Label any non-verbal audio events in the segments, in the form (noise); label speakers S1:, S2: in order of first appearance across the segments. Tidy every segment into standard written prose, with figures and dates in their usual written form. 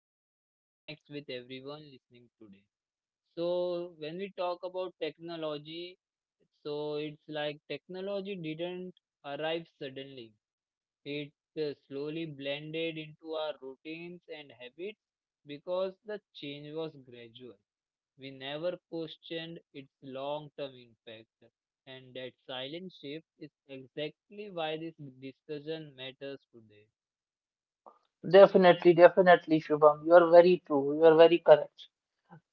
S1: that it connects with everyone listening today. So, when we talk about technology, so it's like technology didn't arrive suddenly. It slowly blended into our routines and habits because the change was gradual. We never questioned its long-term impact. And that silent shift is exactly why this discussion matters today.
S2: Definitely, definitely, Shubham. You are very true. You are very correct.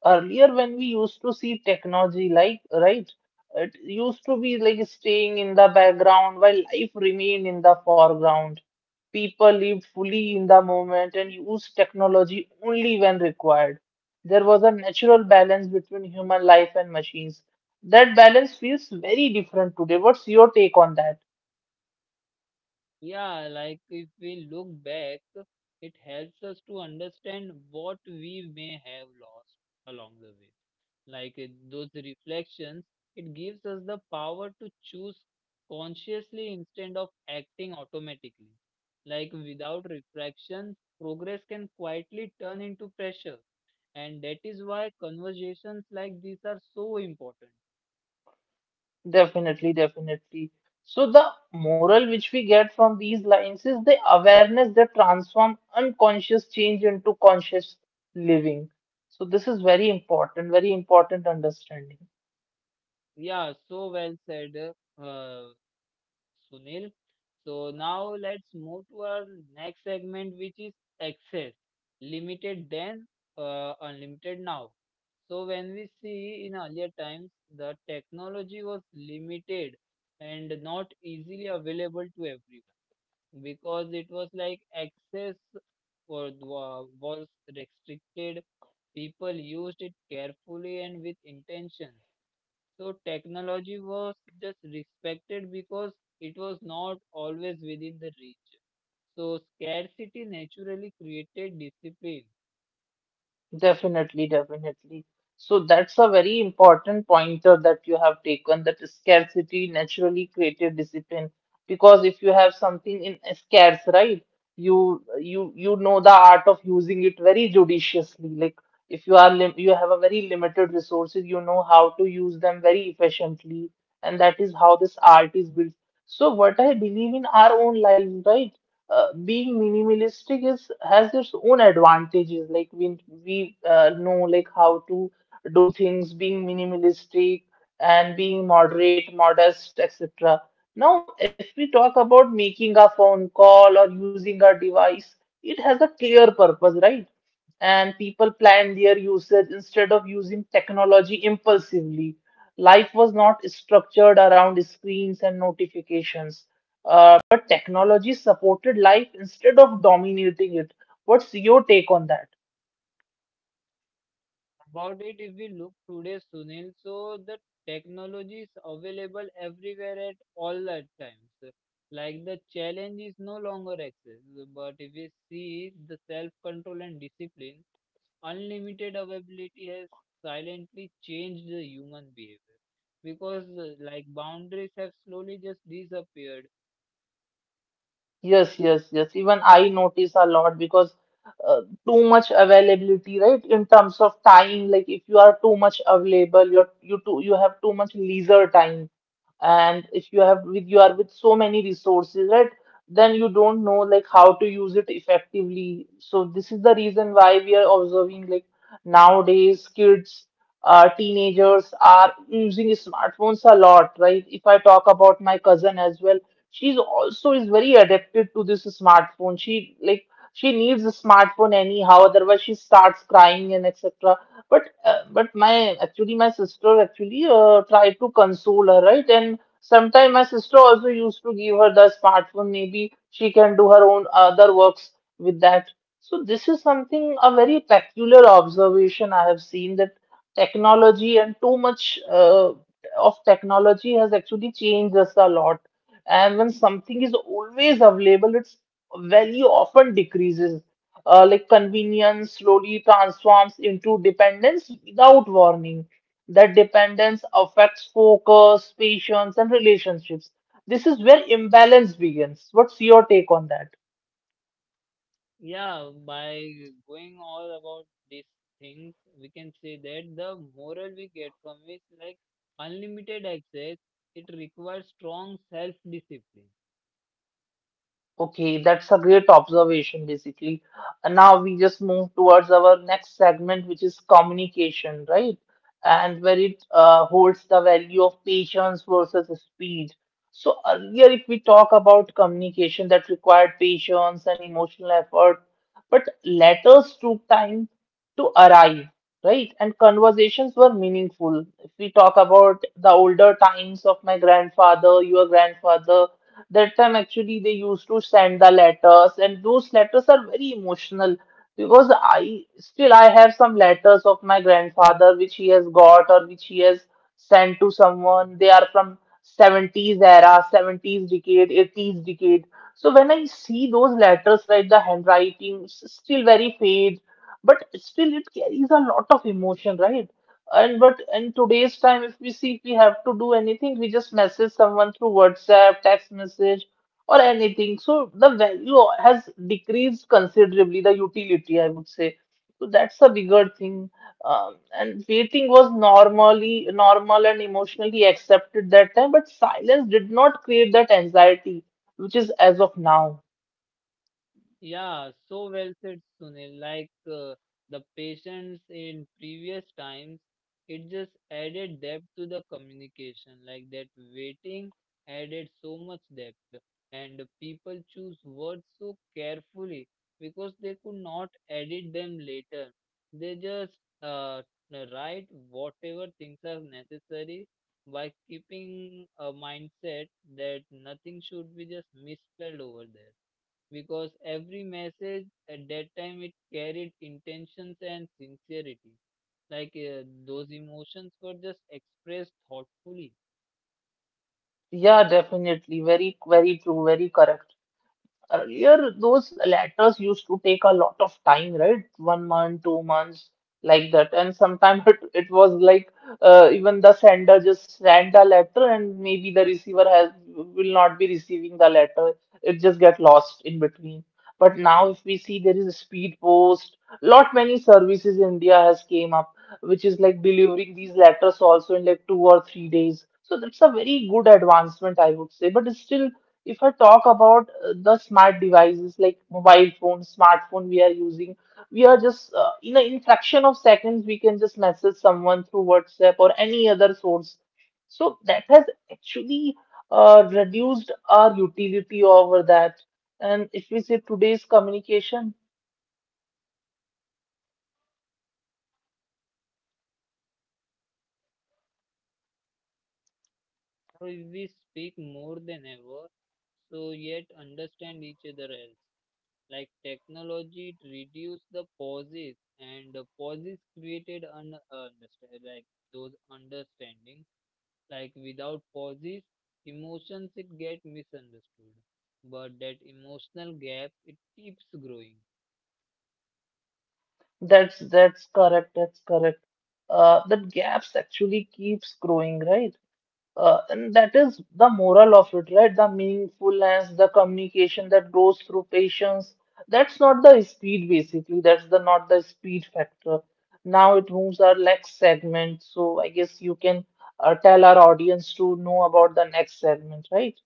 S2: Earlier, when we used to see technology, like, right, it used to be like staying in the background while life remained in the foreground. People lived fully in the moment and used technology only when required. There was a natural balance between human life and machines. That balance feels very different today. What's your take on that?
S1: Yeah, like if we look back, it helps us to understand what we may have lost along the way. Like it, those reflections, it gives us the power to choose consciously instead of acting automatically. Like without reflection, progress can quietly turn into pressure. And that is why conversations like these are so important.
S2: Definitely, definitely. So the moral which we get from these lines is the awareness that transform unconscious change into conscious living. So this is very important understanding.
S1: Yeah, so well said. Uh, Sunil. So now let's move to our next segment, which is access. Limited then, unlimited now. So when we see in earlier times, the technology was limited and not easily available to everyone because it was like access was restricted. People used it carefully and with intention. So technology was just respected because it was not always within the reach. So scarcity naturally created discipline.
S2: Definitely, definitely. So that's a very important pointer that you have taken that scarcity naturally created discipline. Because if you have something in scarce, right, you know the art of using it very judiciously. Like if you are lim you have a very limited resources, you know how to use them very efficiently, and that is how this art is built. So what I believe in our own lives, right? Being minimalistic is has its own advantages, like we know like how to do things being minimalistic and being moderate modest etc. Now if we talk about making a phone call or using a device, it has a clear purpose, right? And people planned their usage instead of using technology impulsively. Life was not structured around screens and notifications, but technology supported life instead of dominating it. What's your take on that?
S1: About it, if we look today, Sunil, so the technology is available everywhere at all at times. Like the challenge is no longer access, but if we see the self-control and discipline, unlimited availability has silently changed the human behavior because like boundaries have slowly just disappeared.
S2: Yes, yes, yes. Even I notice a lot because uh, too much availability, right? In terms of time, like if you are too much available, you have too much leisure time. And if you have with you are with so many resources, right? Then you don't know like how to use it effectively. So this is the reason why we are observing like nowadays kids, teenagers are using smartphones a lot, right? If I talk about my cousin as well, she's also is very addicted to this smartphone. She like she needs a smartphone anyhow, otherwise she starts crying and etc. But my actually my sister actually tried to console her, right? And sometimes my sister also used to give her the smartphone. Maybe she can do her own other works with that. So this is something a very peculiar observation I have seen, that technology and too much of technology has actually changed us a lot. And when something is always available, its value often decreases. Like convenience slowly transforms into dependence without warning. That dependence affects focus, patience, and relationships. This is where imbalance begins. What's your take on that?
S1: Yeah, by going all about these things, we can say that the moral we get from is like unlimited access, it requires strong self discipline.
S2: Okay, that's a great observation, basically. And now we just move towards our next segment, which is communication, right? And where it holds the value of patience versus speed. So earlier, if we talk about communication that required patience and emotional effort, but letters took time to arrive, right? And conversations were meaningful. If we talk about the older times of my grandfather, your grandfather, that time, actually, they used to send the letters, and those letters are very emotional because I have some letters of my grandfather which he has got or which he has sent to someone. They are from 70s era, 70s decade, 80s decade. So when I see those letters, right, the handwriting still very fade, but still it carries a lot of emotion, right? And but in today's time, if we see if we have to do anything, we just message someone through WhatsApp, text message, or anything. So the value has decreased considerably, the utility, I would say. So that's a bigger thing. And waiting was normal and emotionally accepted that time, but silence did not create that anxiety, which is as of now.
S1: Yeah, so well said, Sunil. Like the patience in previous times, it just added depth to the communication. Like that waiting added so much depth, and people choose words so carefully because they could not edit them later. They just uh, write whatever things are necessary by keeping a mindset that nothing should be just misspelled over there because every message at that time it carried intentions and sincerity like those emotions were just expressed thoughtfully.
S2: Yeah, definitely. Very, very true, very correct. Earlier, those letters used to take a lot of time, right? 1 month, 2 months, like that. And sometimes (laughs) it was like even the sender just sent a letter, and maybe the receiver has will not be receiving the letter. It just get lost in between. But now, if we see there is a speed post, lot many services India has came up, which is like delivering these letters also in like 2 or 3 days. So that's a very good advancement, I would say. But it's still if I talk about the smart devices like mobile phone, smartphone we are using, we are just in fraction of seconds we can just message someone through WhatsApp or any other source. So that has actually reduced our utility over that. And if we say today's communication, that's correct. That's correct. That gaps actually keeps growing, right? And that is the moral of it, right? The meaningfulness, the communication that grows through patience. That's not the speed, basically. That's the not the speed factor. Now it moves our next segment. So I guess you can tell our audience to know about the next segment, right?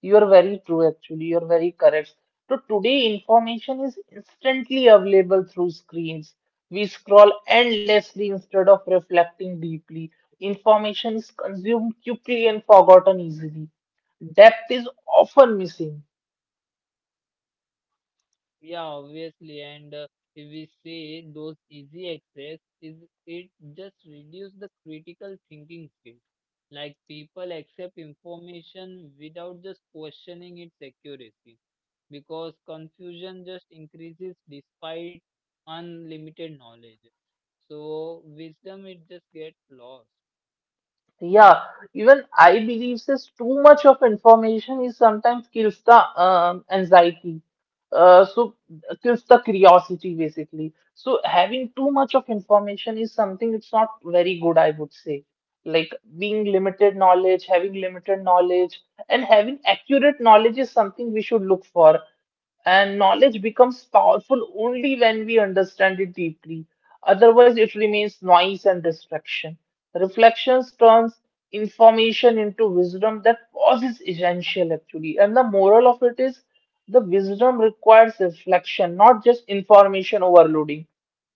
S2: You're very true, actually. You're very correct. So today, information is instantly available through screens. We scroll endlessly instead of reflecting deeply. Information is consumed quickly and forgotten easily. Depth is often missing. Yeah, even I believe this too much of information is sometimes kills the anxiety. So gives the curiosity basically. So having too much of information is something it's not very good, I would say. Like having limited knowledge, and having accurate knowledge is something we should look for. And knowledge becomes powerful only when we understand it deeply. Otherwise, it remains noise and distraction. Reflections turns information into wisdom, that pause is essential actually. And the moral of it is the wisdom requires reflection, not just information overloading.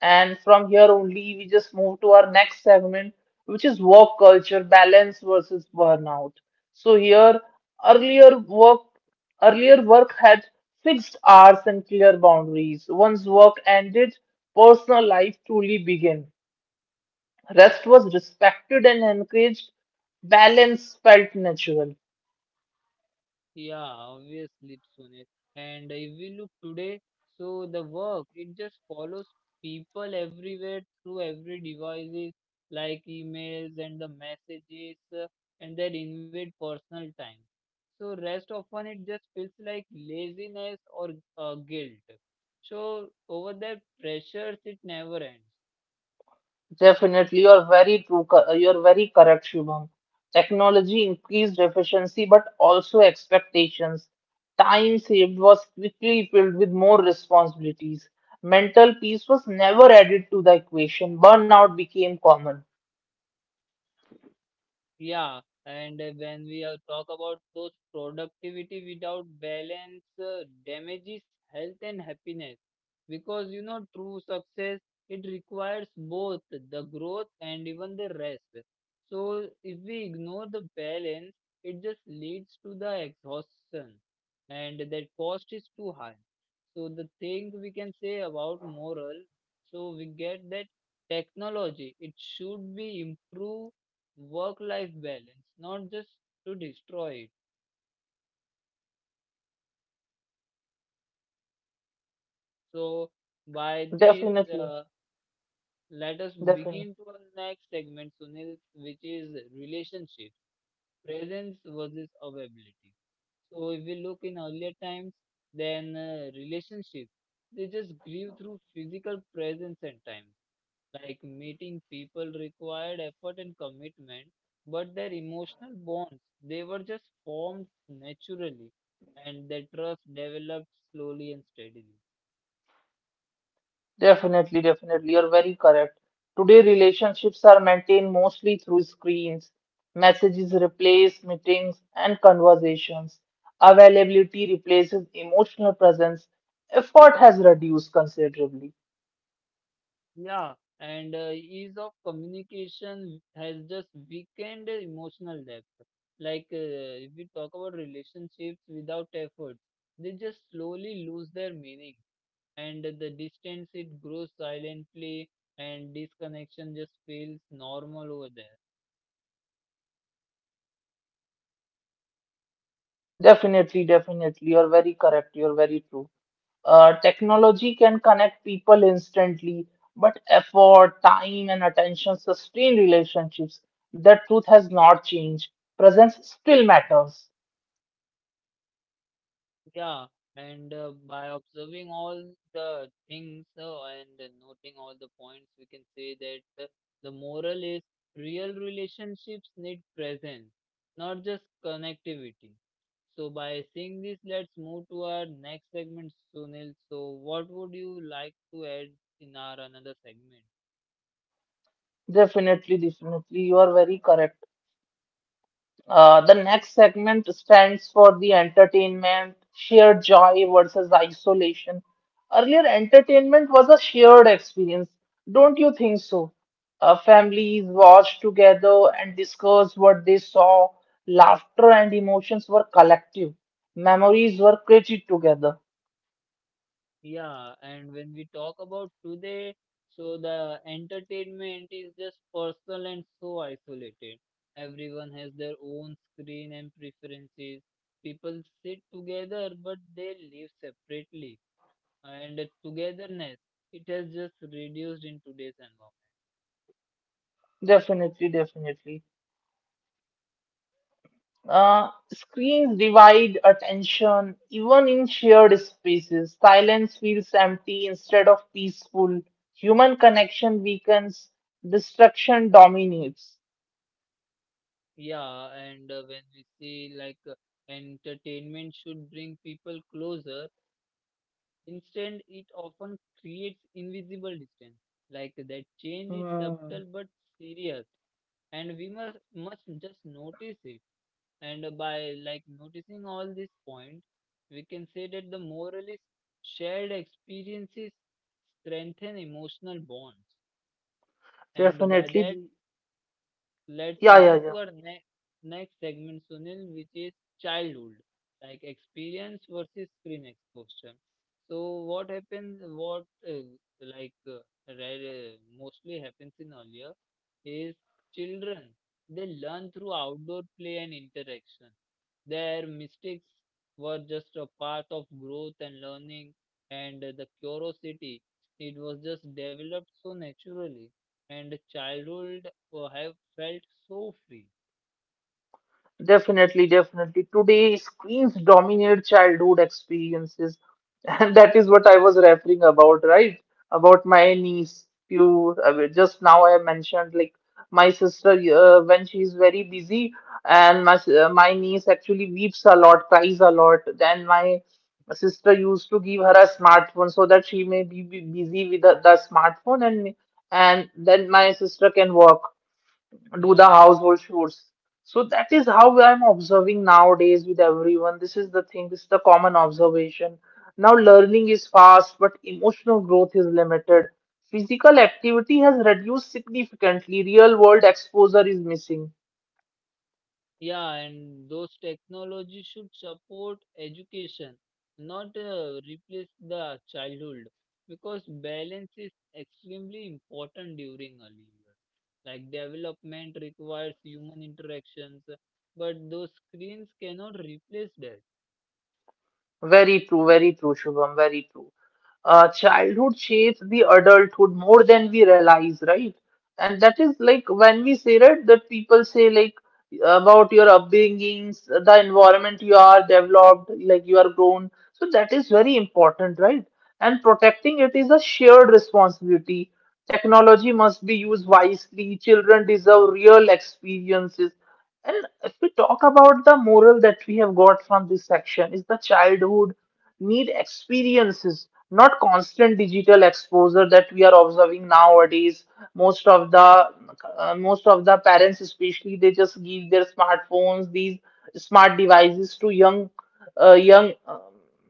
S2: And from here only, we just move to our next segment, which is work culture balance versus burnout. So here, earlier work, earlier work had fixed hours and clear boundaries. Once work ended, personal life truly began. Rest was respected and encouraged. Balance felt natural. Definitely, you're very true. You're very correct, Shubham. Technology increased efficiency, but also expectations. Time saved was quickly filled with more responsibilities. Mental peace was never added to the equation. Burnout became common. Definitely, definitely. Definitely, definitely. You're very correct. Today, relationships are maintained mostly through screens. Messages replace meetings and conversations. Availability replaces emotional presence. Effort has reduced considerably. Definitely, definitely. You're very correct. You're very true. Technology can connect people instantly, but effort, time, and attention sustain relationships. That truth has not changed. Presence still matters. Definitely, definitely. You are very correct. The next segment stands for the entertainment, shared joy versus isolation. Earlier, entertainment was a shared experience. Don't you think so? Families watched together and discussed what they saw. Laughter and emotions were collective. Memories were created together. Definitely, definitely. Screens divide attention even in shared spaces. Silence feels empty instead of peaceful. Human connection weakens. Destruction dominates. Hmm, definitely. Yeah, yeah, yeah. Definitely, definitely. Today, screens dominate childhood experiences, (laughs) and that is what I was referring about, right? About my niece. You I mean, just now I mentioned like my sister when she is very busy, and my niece actually weeps a lot, cries a lot. Then my sister used to give her a smartphone so that she may be busy with the smartphone, and then my sister can work do the household chores. So that is how I'm observing nowadays with everyone. This is the thing, this is the common observation. Now, learning is fast, but emotional growth is limited. Physical activity has reduced significantly. Real world exposure is missing. Very true, Shubham, very true. Childhood shapes the adulthood more than we realize, right? And that is like when we say that, that people say like about your upbringings, the environment you are developed, like you are grown. So that is very important, right? And protecting it is a shared responsibility. Technology must be used wisely. Children deserve real experiences, and if we talk about the moral that we have got from this section is the childhood need experiences, not constant digital exposure that we are observing nowadays. Most of the Most of the parents, especially, they just give their smartphones, these smart devices to uh, young um,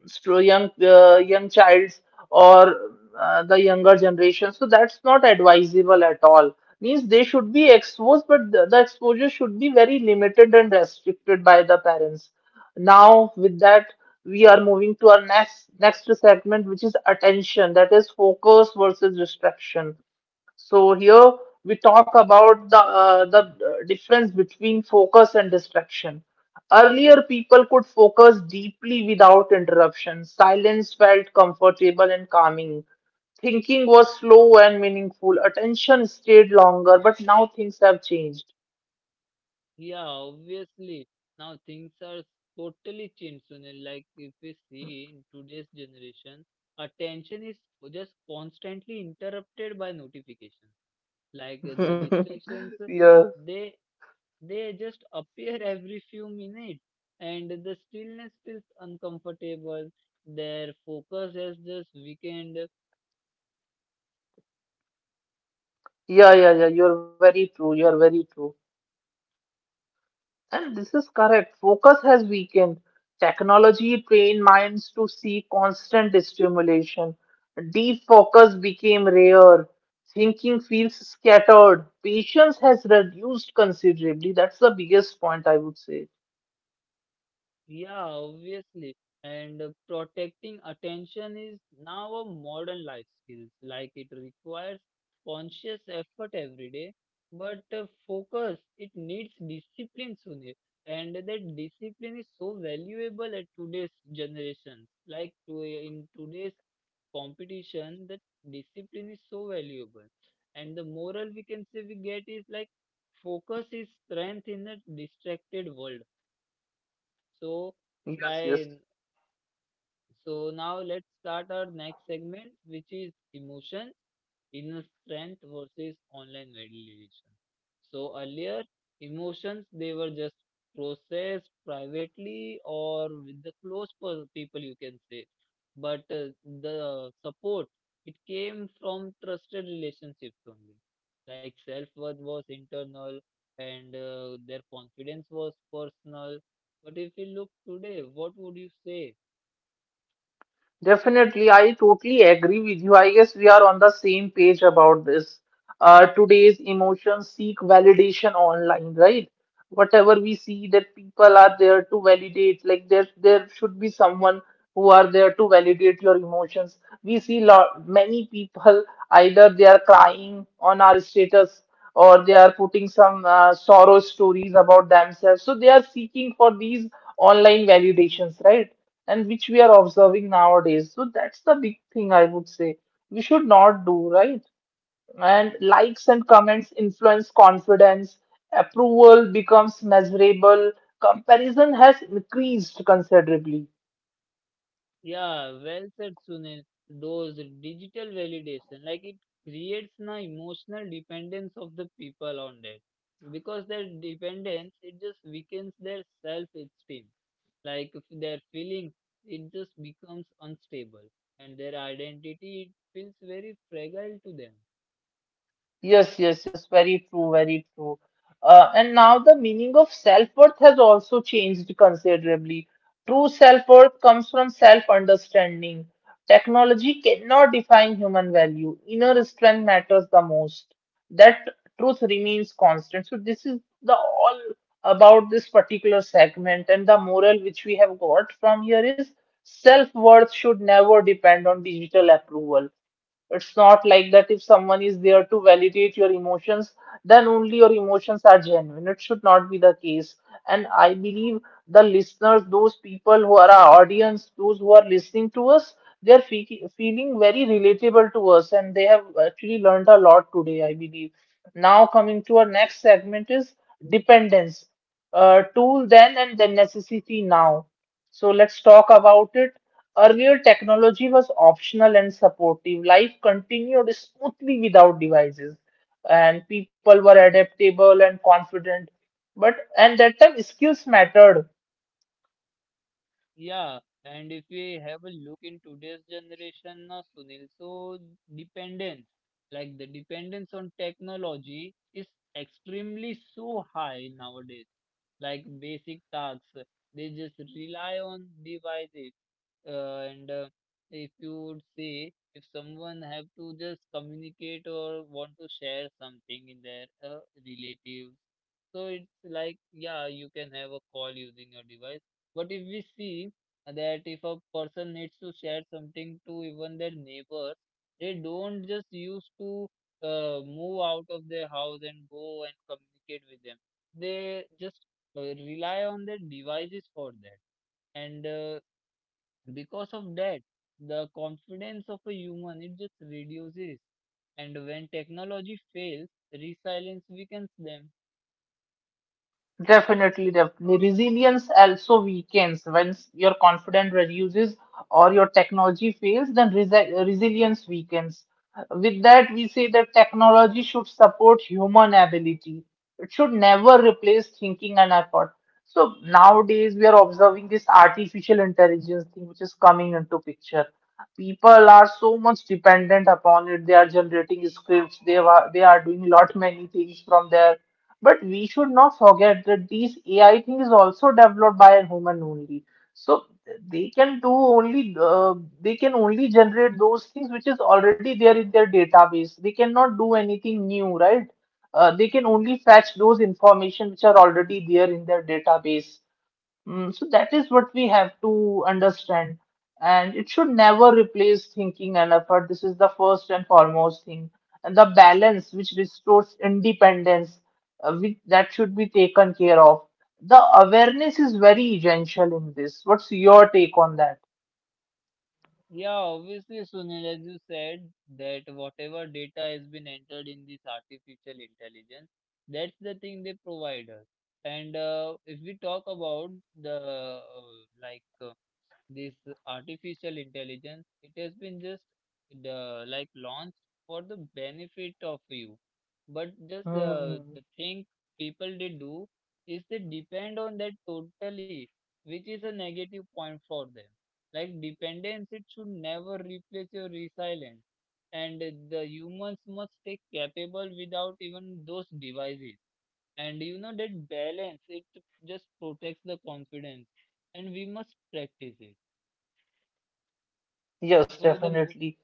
S2: young childs or the younger generation, so that's not advisable at all. Means they should be exposed, but the exposure should be very limited and restricted by the parents. Now, with that, we are moving to our next segment, which is attention, that is focus versus distraction. So here we talk about the difference between focus and distraction. Earlier, people could focus deeply without interruption. Silence felt comfortable and calming. Thinking was slow and meaningful. Attention stayed longer, but now things have changed. (laughs) Yeah, yeah, yeah, yeah. You're very true. You're very true. And this is correct. Focus has weakened. Technology trained minds to seek constant stimulation. Deep focus became rare. Thinking feels scattered. Patience has reduced considerably. That's the biggest point I would say. Yes, yes. Definitely, I totally agree with you. I guess we are on the same page about this. Today's emotions seek validation online, right? Whatever we see, that people are there to validate, like there should be someone who are there to validate your emotions. We see lot many people, either they are crying on our status or they are putting some sorrow stories about themselves. So they are seeking for these online validations, right? And which we are observing nowadays. So that's the big thing I would say. We should not do, right? And likes and comments influence confidence, approval becomes measurable, comparison has increased considerably. Yes, yes, yes, very true, very true. And now the meaning of self-worth has also changed considerably. True self-worth comes from self-understanding. Technology cannot define human value. Inner strength matters the most. That truth remains constant. So this is the all about this particular segment, and the moral which we have got from here is self-worth should never depend on digital approval. It's not like that if someone is there to validate your emotions, then only your emotions are genuine. It should not be the case. And I believe the listeners, those people who are our audience, those who are listening to us, they're feeling very relatable to us, and they have actually learned a lot today, I believe. Now, coming to our next segment is dependence. Tool then and then necessity now. So let's talk about it. Earlier, technology was optional and supportive. Life continued smoothly without devices, and people were adaptable and confident. But at that time, skills mattered. Definitely, definitely. Resilience also weakens. Once your confidence reduces or your technology fails, then resilience weakens. With that, we say that technology should support human ability. It should never replace thinking and effort. So nowadays, we are observing this artificial intelligence thing, which is coming into picture. People are so much dependent upon it. They are generating scripts. They are doing lot many things from their, but we should not forget that these AI thing is also developed by a human only. So they can do only uh, they can only generate those things which is already there in their database. They cannot do anything new, right? They can only fetch those information which are already there in their database. So that is what we have to understand. And it should never replace thinking and effort. This is the first and foremost thing. And the balance which restores independence, that should be taken care of. The awareness is very essential in this. What's your take on that? Mm, yes, definitely.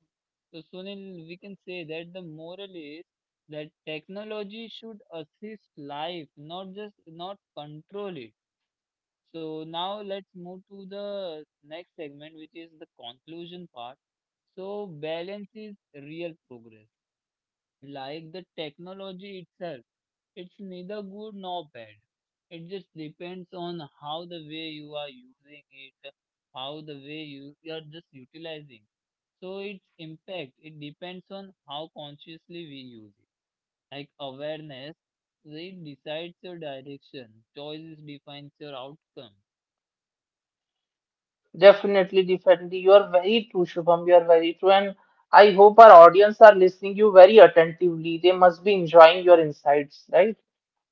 S2: Definitely, definitely. You are very true, Shubham. You are very true. And I hope our audience are listening you very attentively. They must be enjoying your insights, right?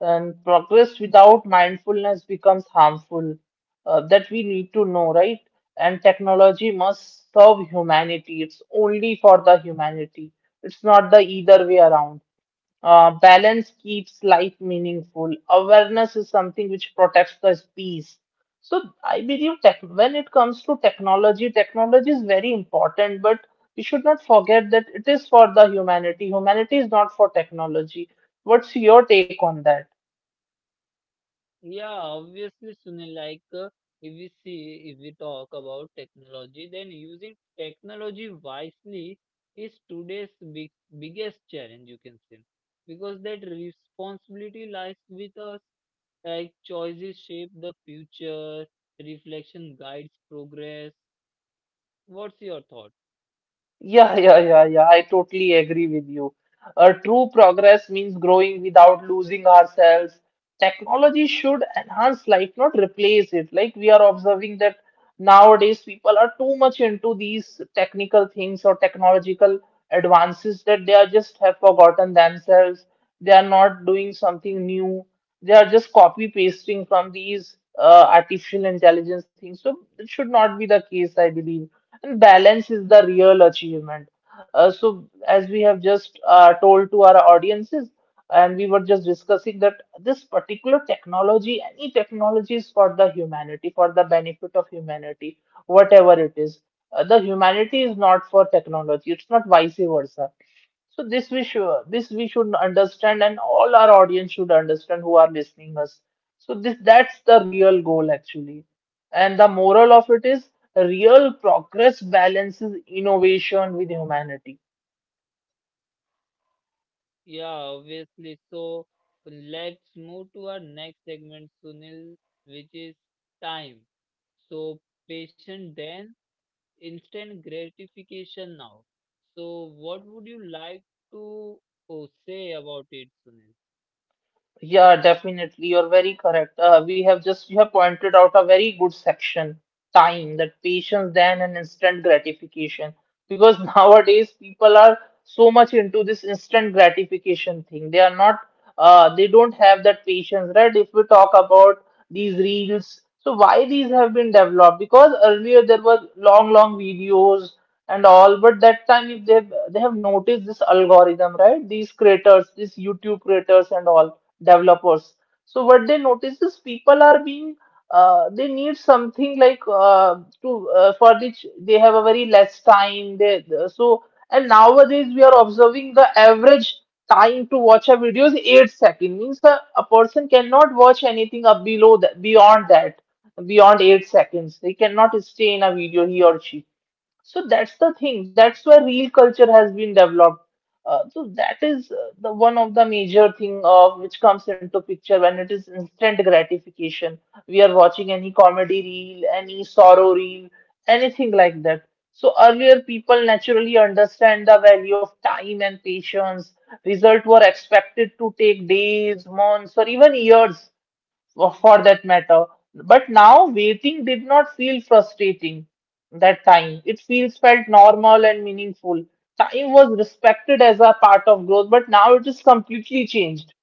S2: And progress without mindfulness becomes harmful. That we need to know, right? And technology must serve humanity. It's only for the humanity. It's not the either way around. Balance keeps life meaningful. Awareness is something which protects the peace. So I believe, tech when it comes to technology, technology is very important, but we should not forget that it is for the humanity. Humanity is not for technology. What's your take on that? Yeah, yeah, yeah, yeah. I totally agree with you. True progress means growing without losing ourselves. Technology should enhance life, not replace it. Like we are observing that nowadays people are too much into these technical things or technological advances that they are just have forgotten themselves. They are not doing something new. They are just copy pasting from these artificial intelligence things. So it should not be the case, I believe. And balance is the real achievement. So, as we have just told to our audiences, and we were just discussing that this particular technology, any technology, is for the humanity, for the benefit of humanity, whatever it is. The humanity is not for technology, it's not vice versa. So this we should understand, and all our audience should understand who are listening us. So this that's the real goal actually, and the moral of it is real progress balances innovation with humanity. Yeah, definitely. You're very correct. You have pointed out a very good section, time, that patience then and instant gratification. Because (laughs) nowadays people are so much into this instant gratification thing. They are not, they don't have that patience, right? If we talk about these reels, so why these have been developed? Because earlier there was long, long videos and all, but that time, if they have noticed this algorithm, right? These creators, these YouTube creators and all developers. So what they notice is people are being they need something like to for which they have a very less time. So, and nowadays we are observing the average time to watch a video is 8 seconds. Means a person cannot watch anything up below that beyond 8 seconds. They cannot stay in a video, he or she. So that's the thing. That's where real culture has been developed. So that is the one of the major thing of which comes into picture when it is instant gratification. We are watching any comedy reel, any sorrow reel, anything like that. So earlier people naturally understand the value of time and patience. Result were expected to take days, months, or even years for that matter. But now waiting did not feel frustrating that time. It feels felt normal and meaningful. Time was respected as a part of growth, but now it is completely changed.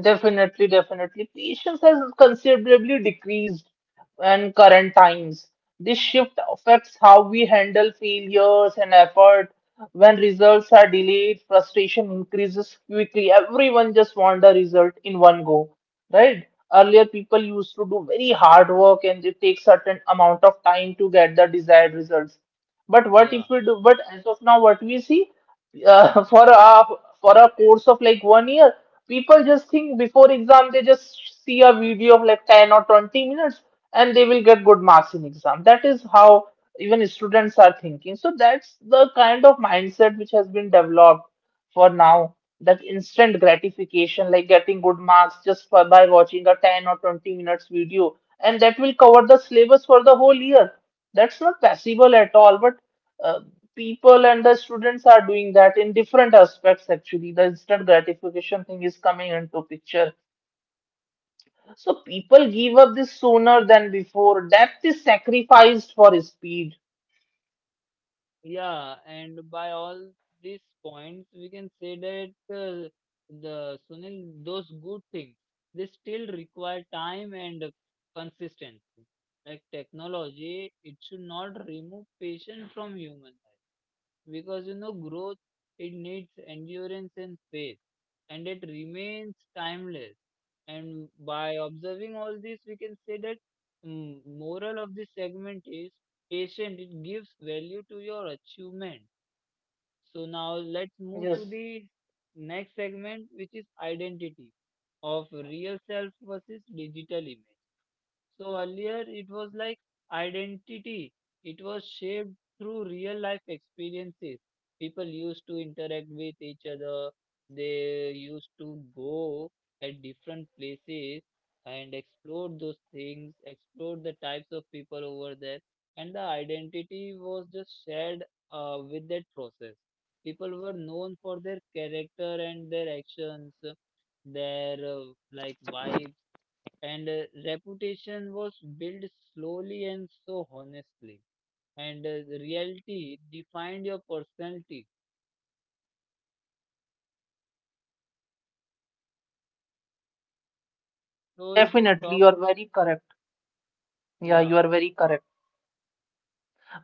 S2: Definitely, definitely. Patience has considerably decreased in current times. This shift affects how we handle failures and effort. When results are delayed, frustration increases quickly. Everyone just want a result in one go, right? Earlier, people used to do very hard work and it takes certain amount of time to get the desired results. But what if we do? But as of now, what we see uh, (laughs) for a for a course of like one year, people just think before exam, they just see a video of like 10 or 20 minutes and they will get good marks in exam. That is how even students are thinking. So that's the kind of mindset which has been developed for now. That instant gratification, like getting good marks by watching a 10 or 20 minutes video, and that will cover the syllabus for the whole year. That's not possible at all, but uh, people and the students are doing that in different aspects actually. The instant gratification thing is coming into picture. So people give up this sooner than before. Depth is sacrificed for speed. Yes, definitely. You are very correct. Yeah, you are very correct.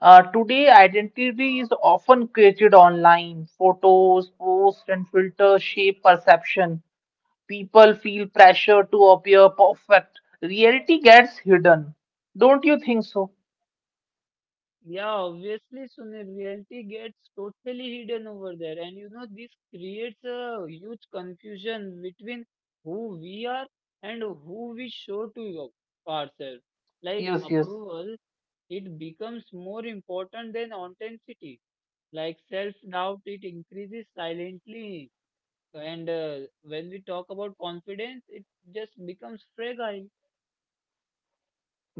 S2: Today, identity is often created online. Photos, posts, and filters shape perception. People feel pressure to appear perfect. Reality gets hidden. Don't you think so? Yes, yes.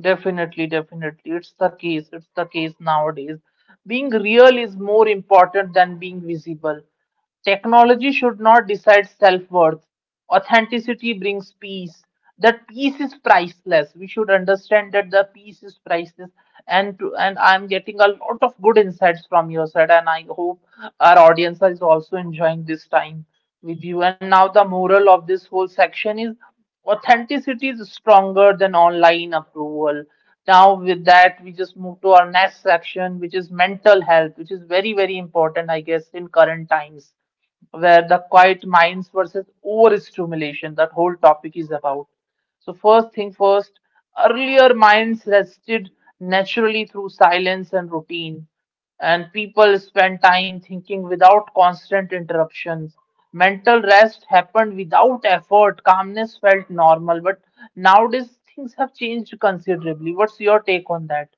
S2: Definitely, definitely. It's the case. It's the case nowadays. Being real is more important than being visible. Technology should not decide self worth. Authenticity brings peace. That peace is priceless. We should understand that the peace is priceless. And I'm getting a lot of good insights from your side, and I hope our audience is also enjoying this time with you. And now the moral of this whole section is authenticity is stronger than online approval. Now, with that, we just move to our next section, which is mental health, which is very very important, I guess, in current times, where the quiet minds versus overstimulation, that whole topic is about. So, first thing first, earlier minds rested naturally through silence and routine, and people spent time thinking without constant interruptions. Mental rest happened without effort, calmness felt normal, but nowadays things have changed considerably. What's your take on that?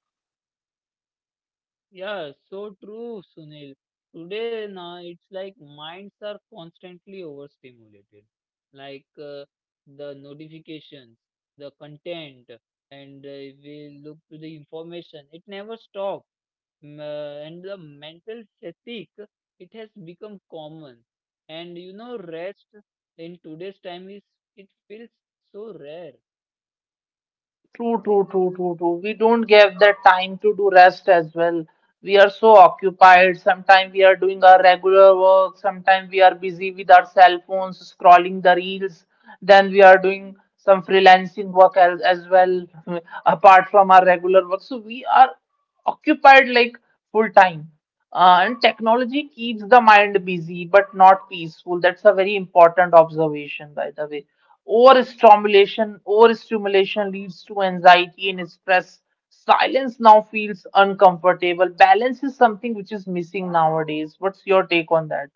S2: True, true, true, true, true. We don't give the time to do rest as well. We are so occupied. Sometimes we are doing our regular work. Sometimes we are busy with our cell phones, scrolling the reels. Then we are doing some freelancing work as well, (laughs) apart from our regular work. So we are occupied like full time. And technology keeps the mind busy but not peaceful. That's a very important observation, by the way. Overstimulation leads to anxiety and stress. Silence now feels uncomfortable. Balance is something which is missing nowadays. What's your take on that?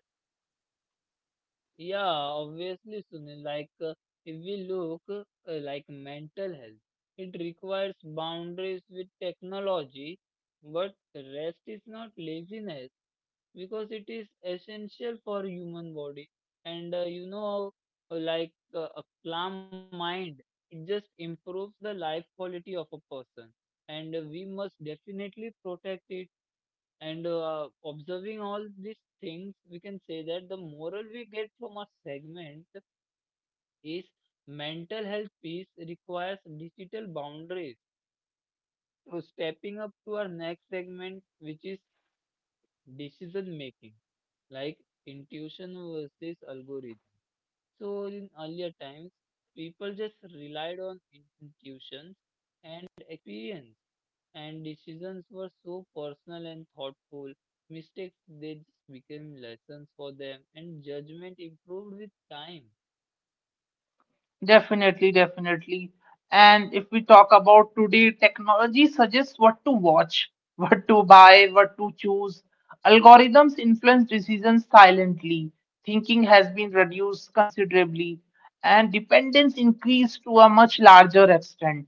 S2: Definitely, definitely. And if we talk about today, technology suggests what to watch, (laughs) what to buy, what to choose. Algorithms influence decisions silently. Thinking has been reduced considerably, and dependence increased to a much larger extent.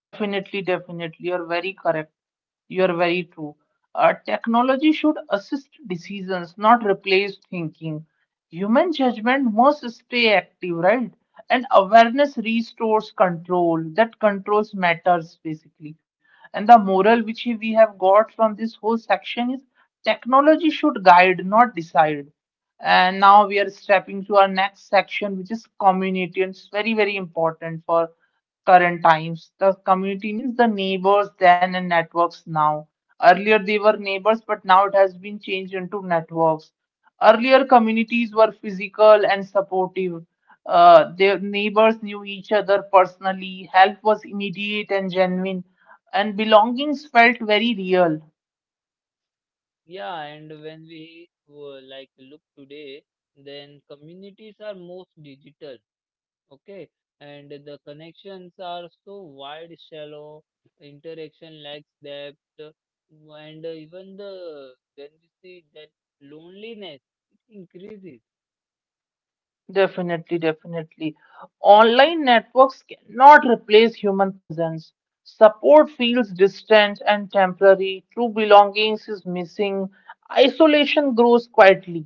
S2: Definitely, definitely. You're very correct. You're very true. Technology should assist decisions, not replace thinking. Human judgment must stay active, right? And awareness restores control. That controls matters, basically. And the moral which we have got from this whole section is technology should guide, not decide. And now we are stepping to our next section, which is community. And it's very, very important for current times. The community means the neighbors then and networks now. Earlier they were neighbors, but now it has been changed into networks. Earlier communities were physical and supportive. Their neighbors knew each other personally. Help was immediate and genuine, and belongings felt very real. Definitely, definitely. Online networks cannot replace human presence. Support feels distant and temporary. True belongings is missing. Isolation grows quietly.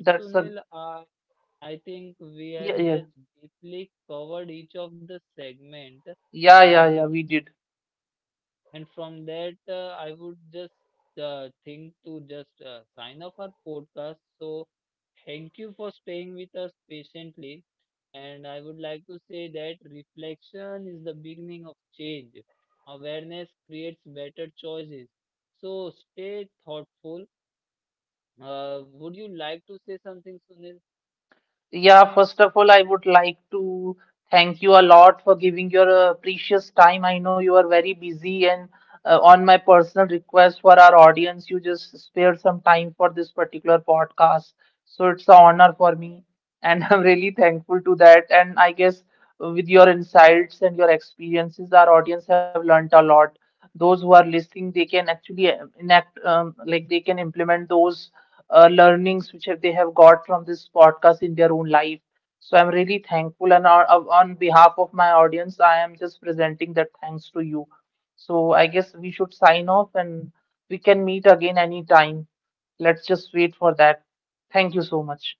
S2: That's a Yeah, yeah, yeah, yeah, yeah. We did. Yeah, first of all, I would like to thank you a lot for giving your precious time. I know you are very busy, and on my personal request for our audience, you just spare some time for this particular podcast. So it's an honor for me, and (laughs) I'm really thankful to that. And I guess with your insights and your experiences, our audience have learnt a lot. Those who are listening, they can actually enact, like they can implement those learnings which they have got from this podcast in their own life. So I'm really thankful, and on behalf of my audience, I am just presenting that thanks to you. So I guess we should sign off, and we can meet again anytime. Let's just wait for that. Thank you so much.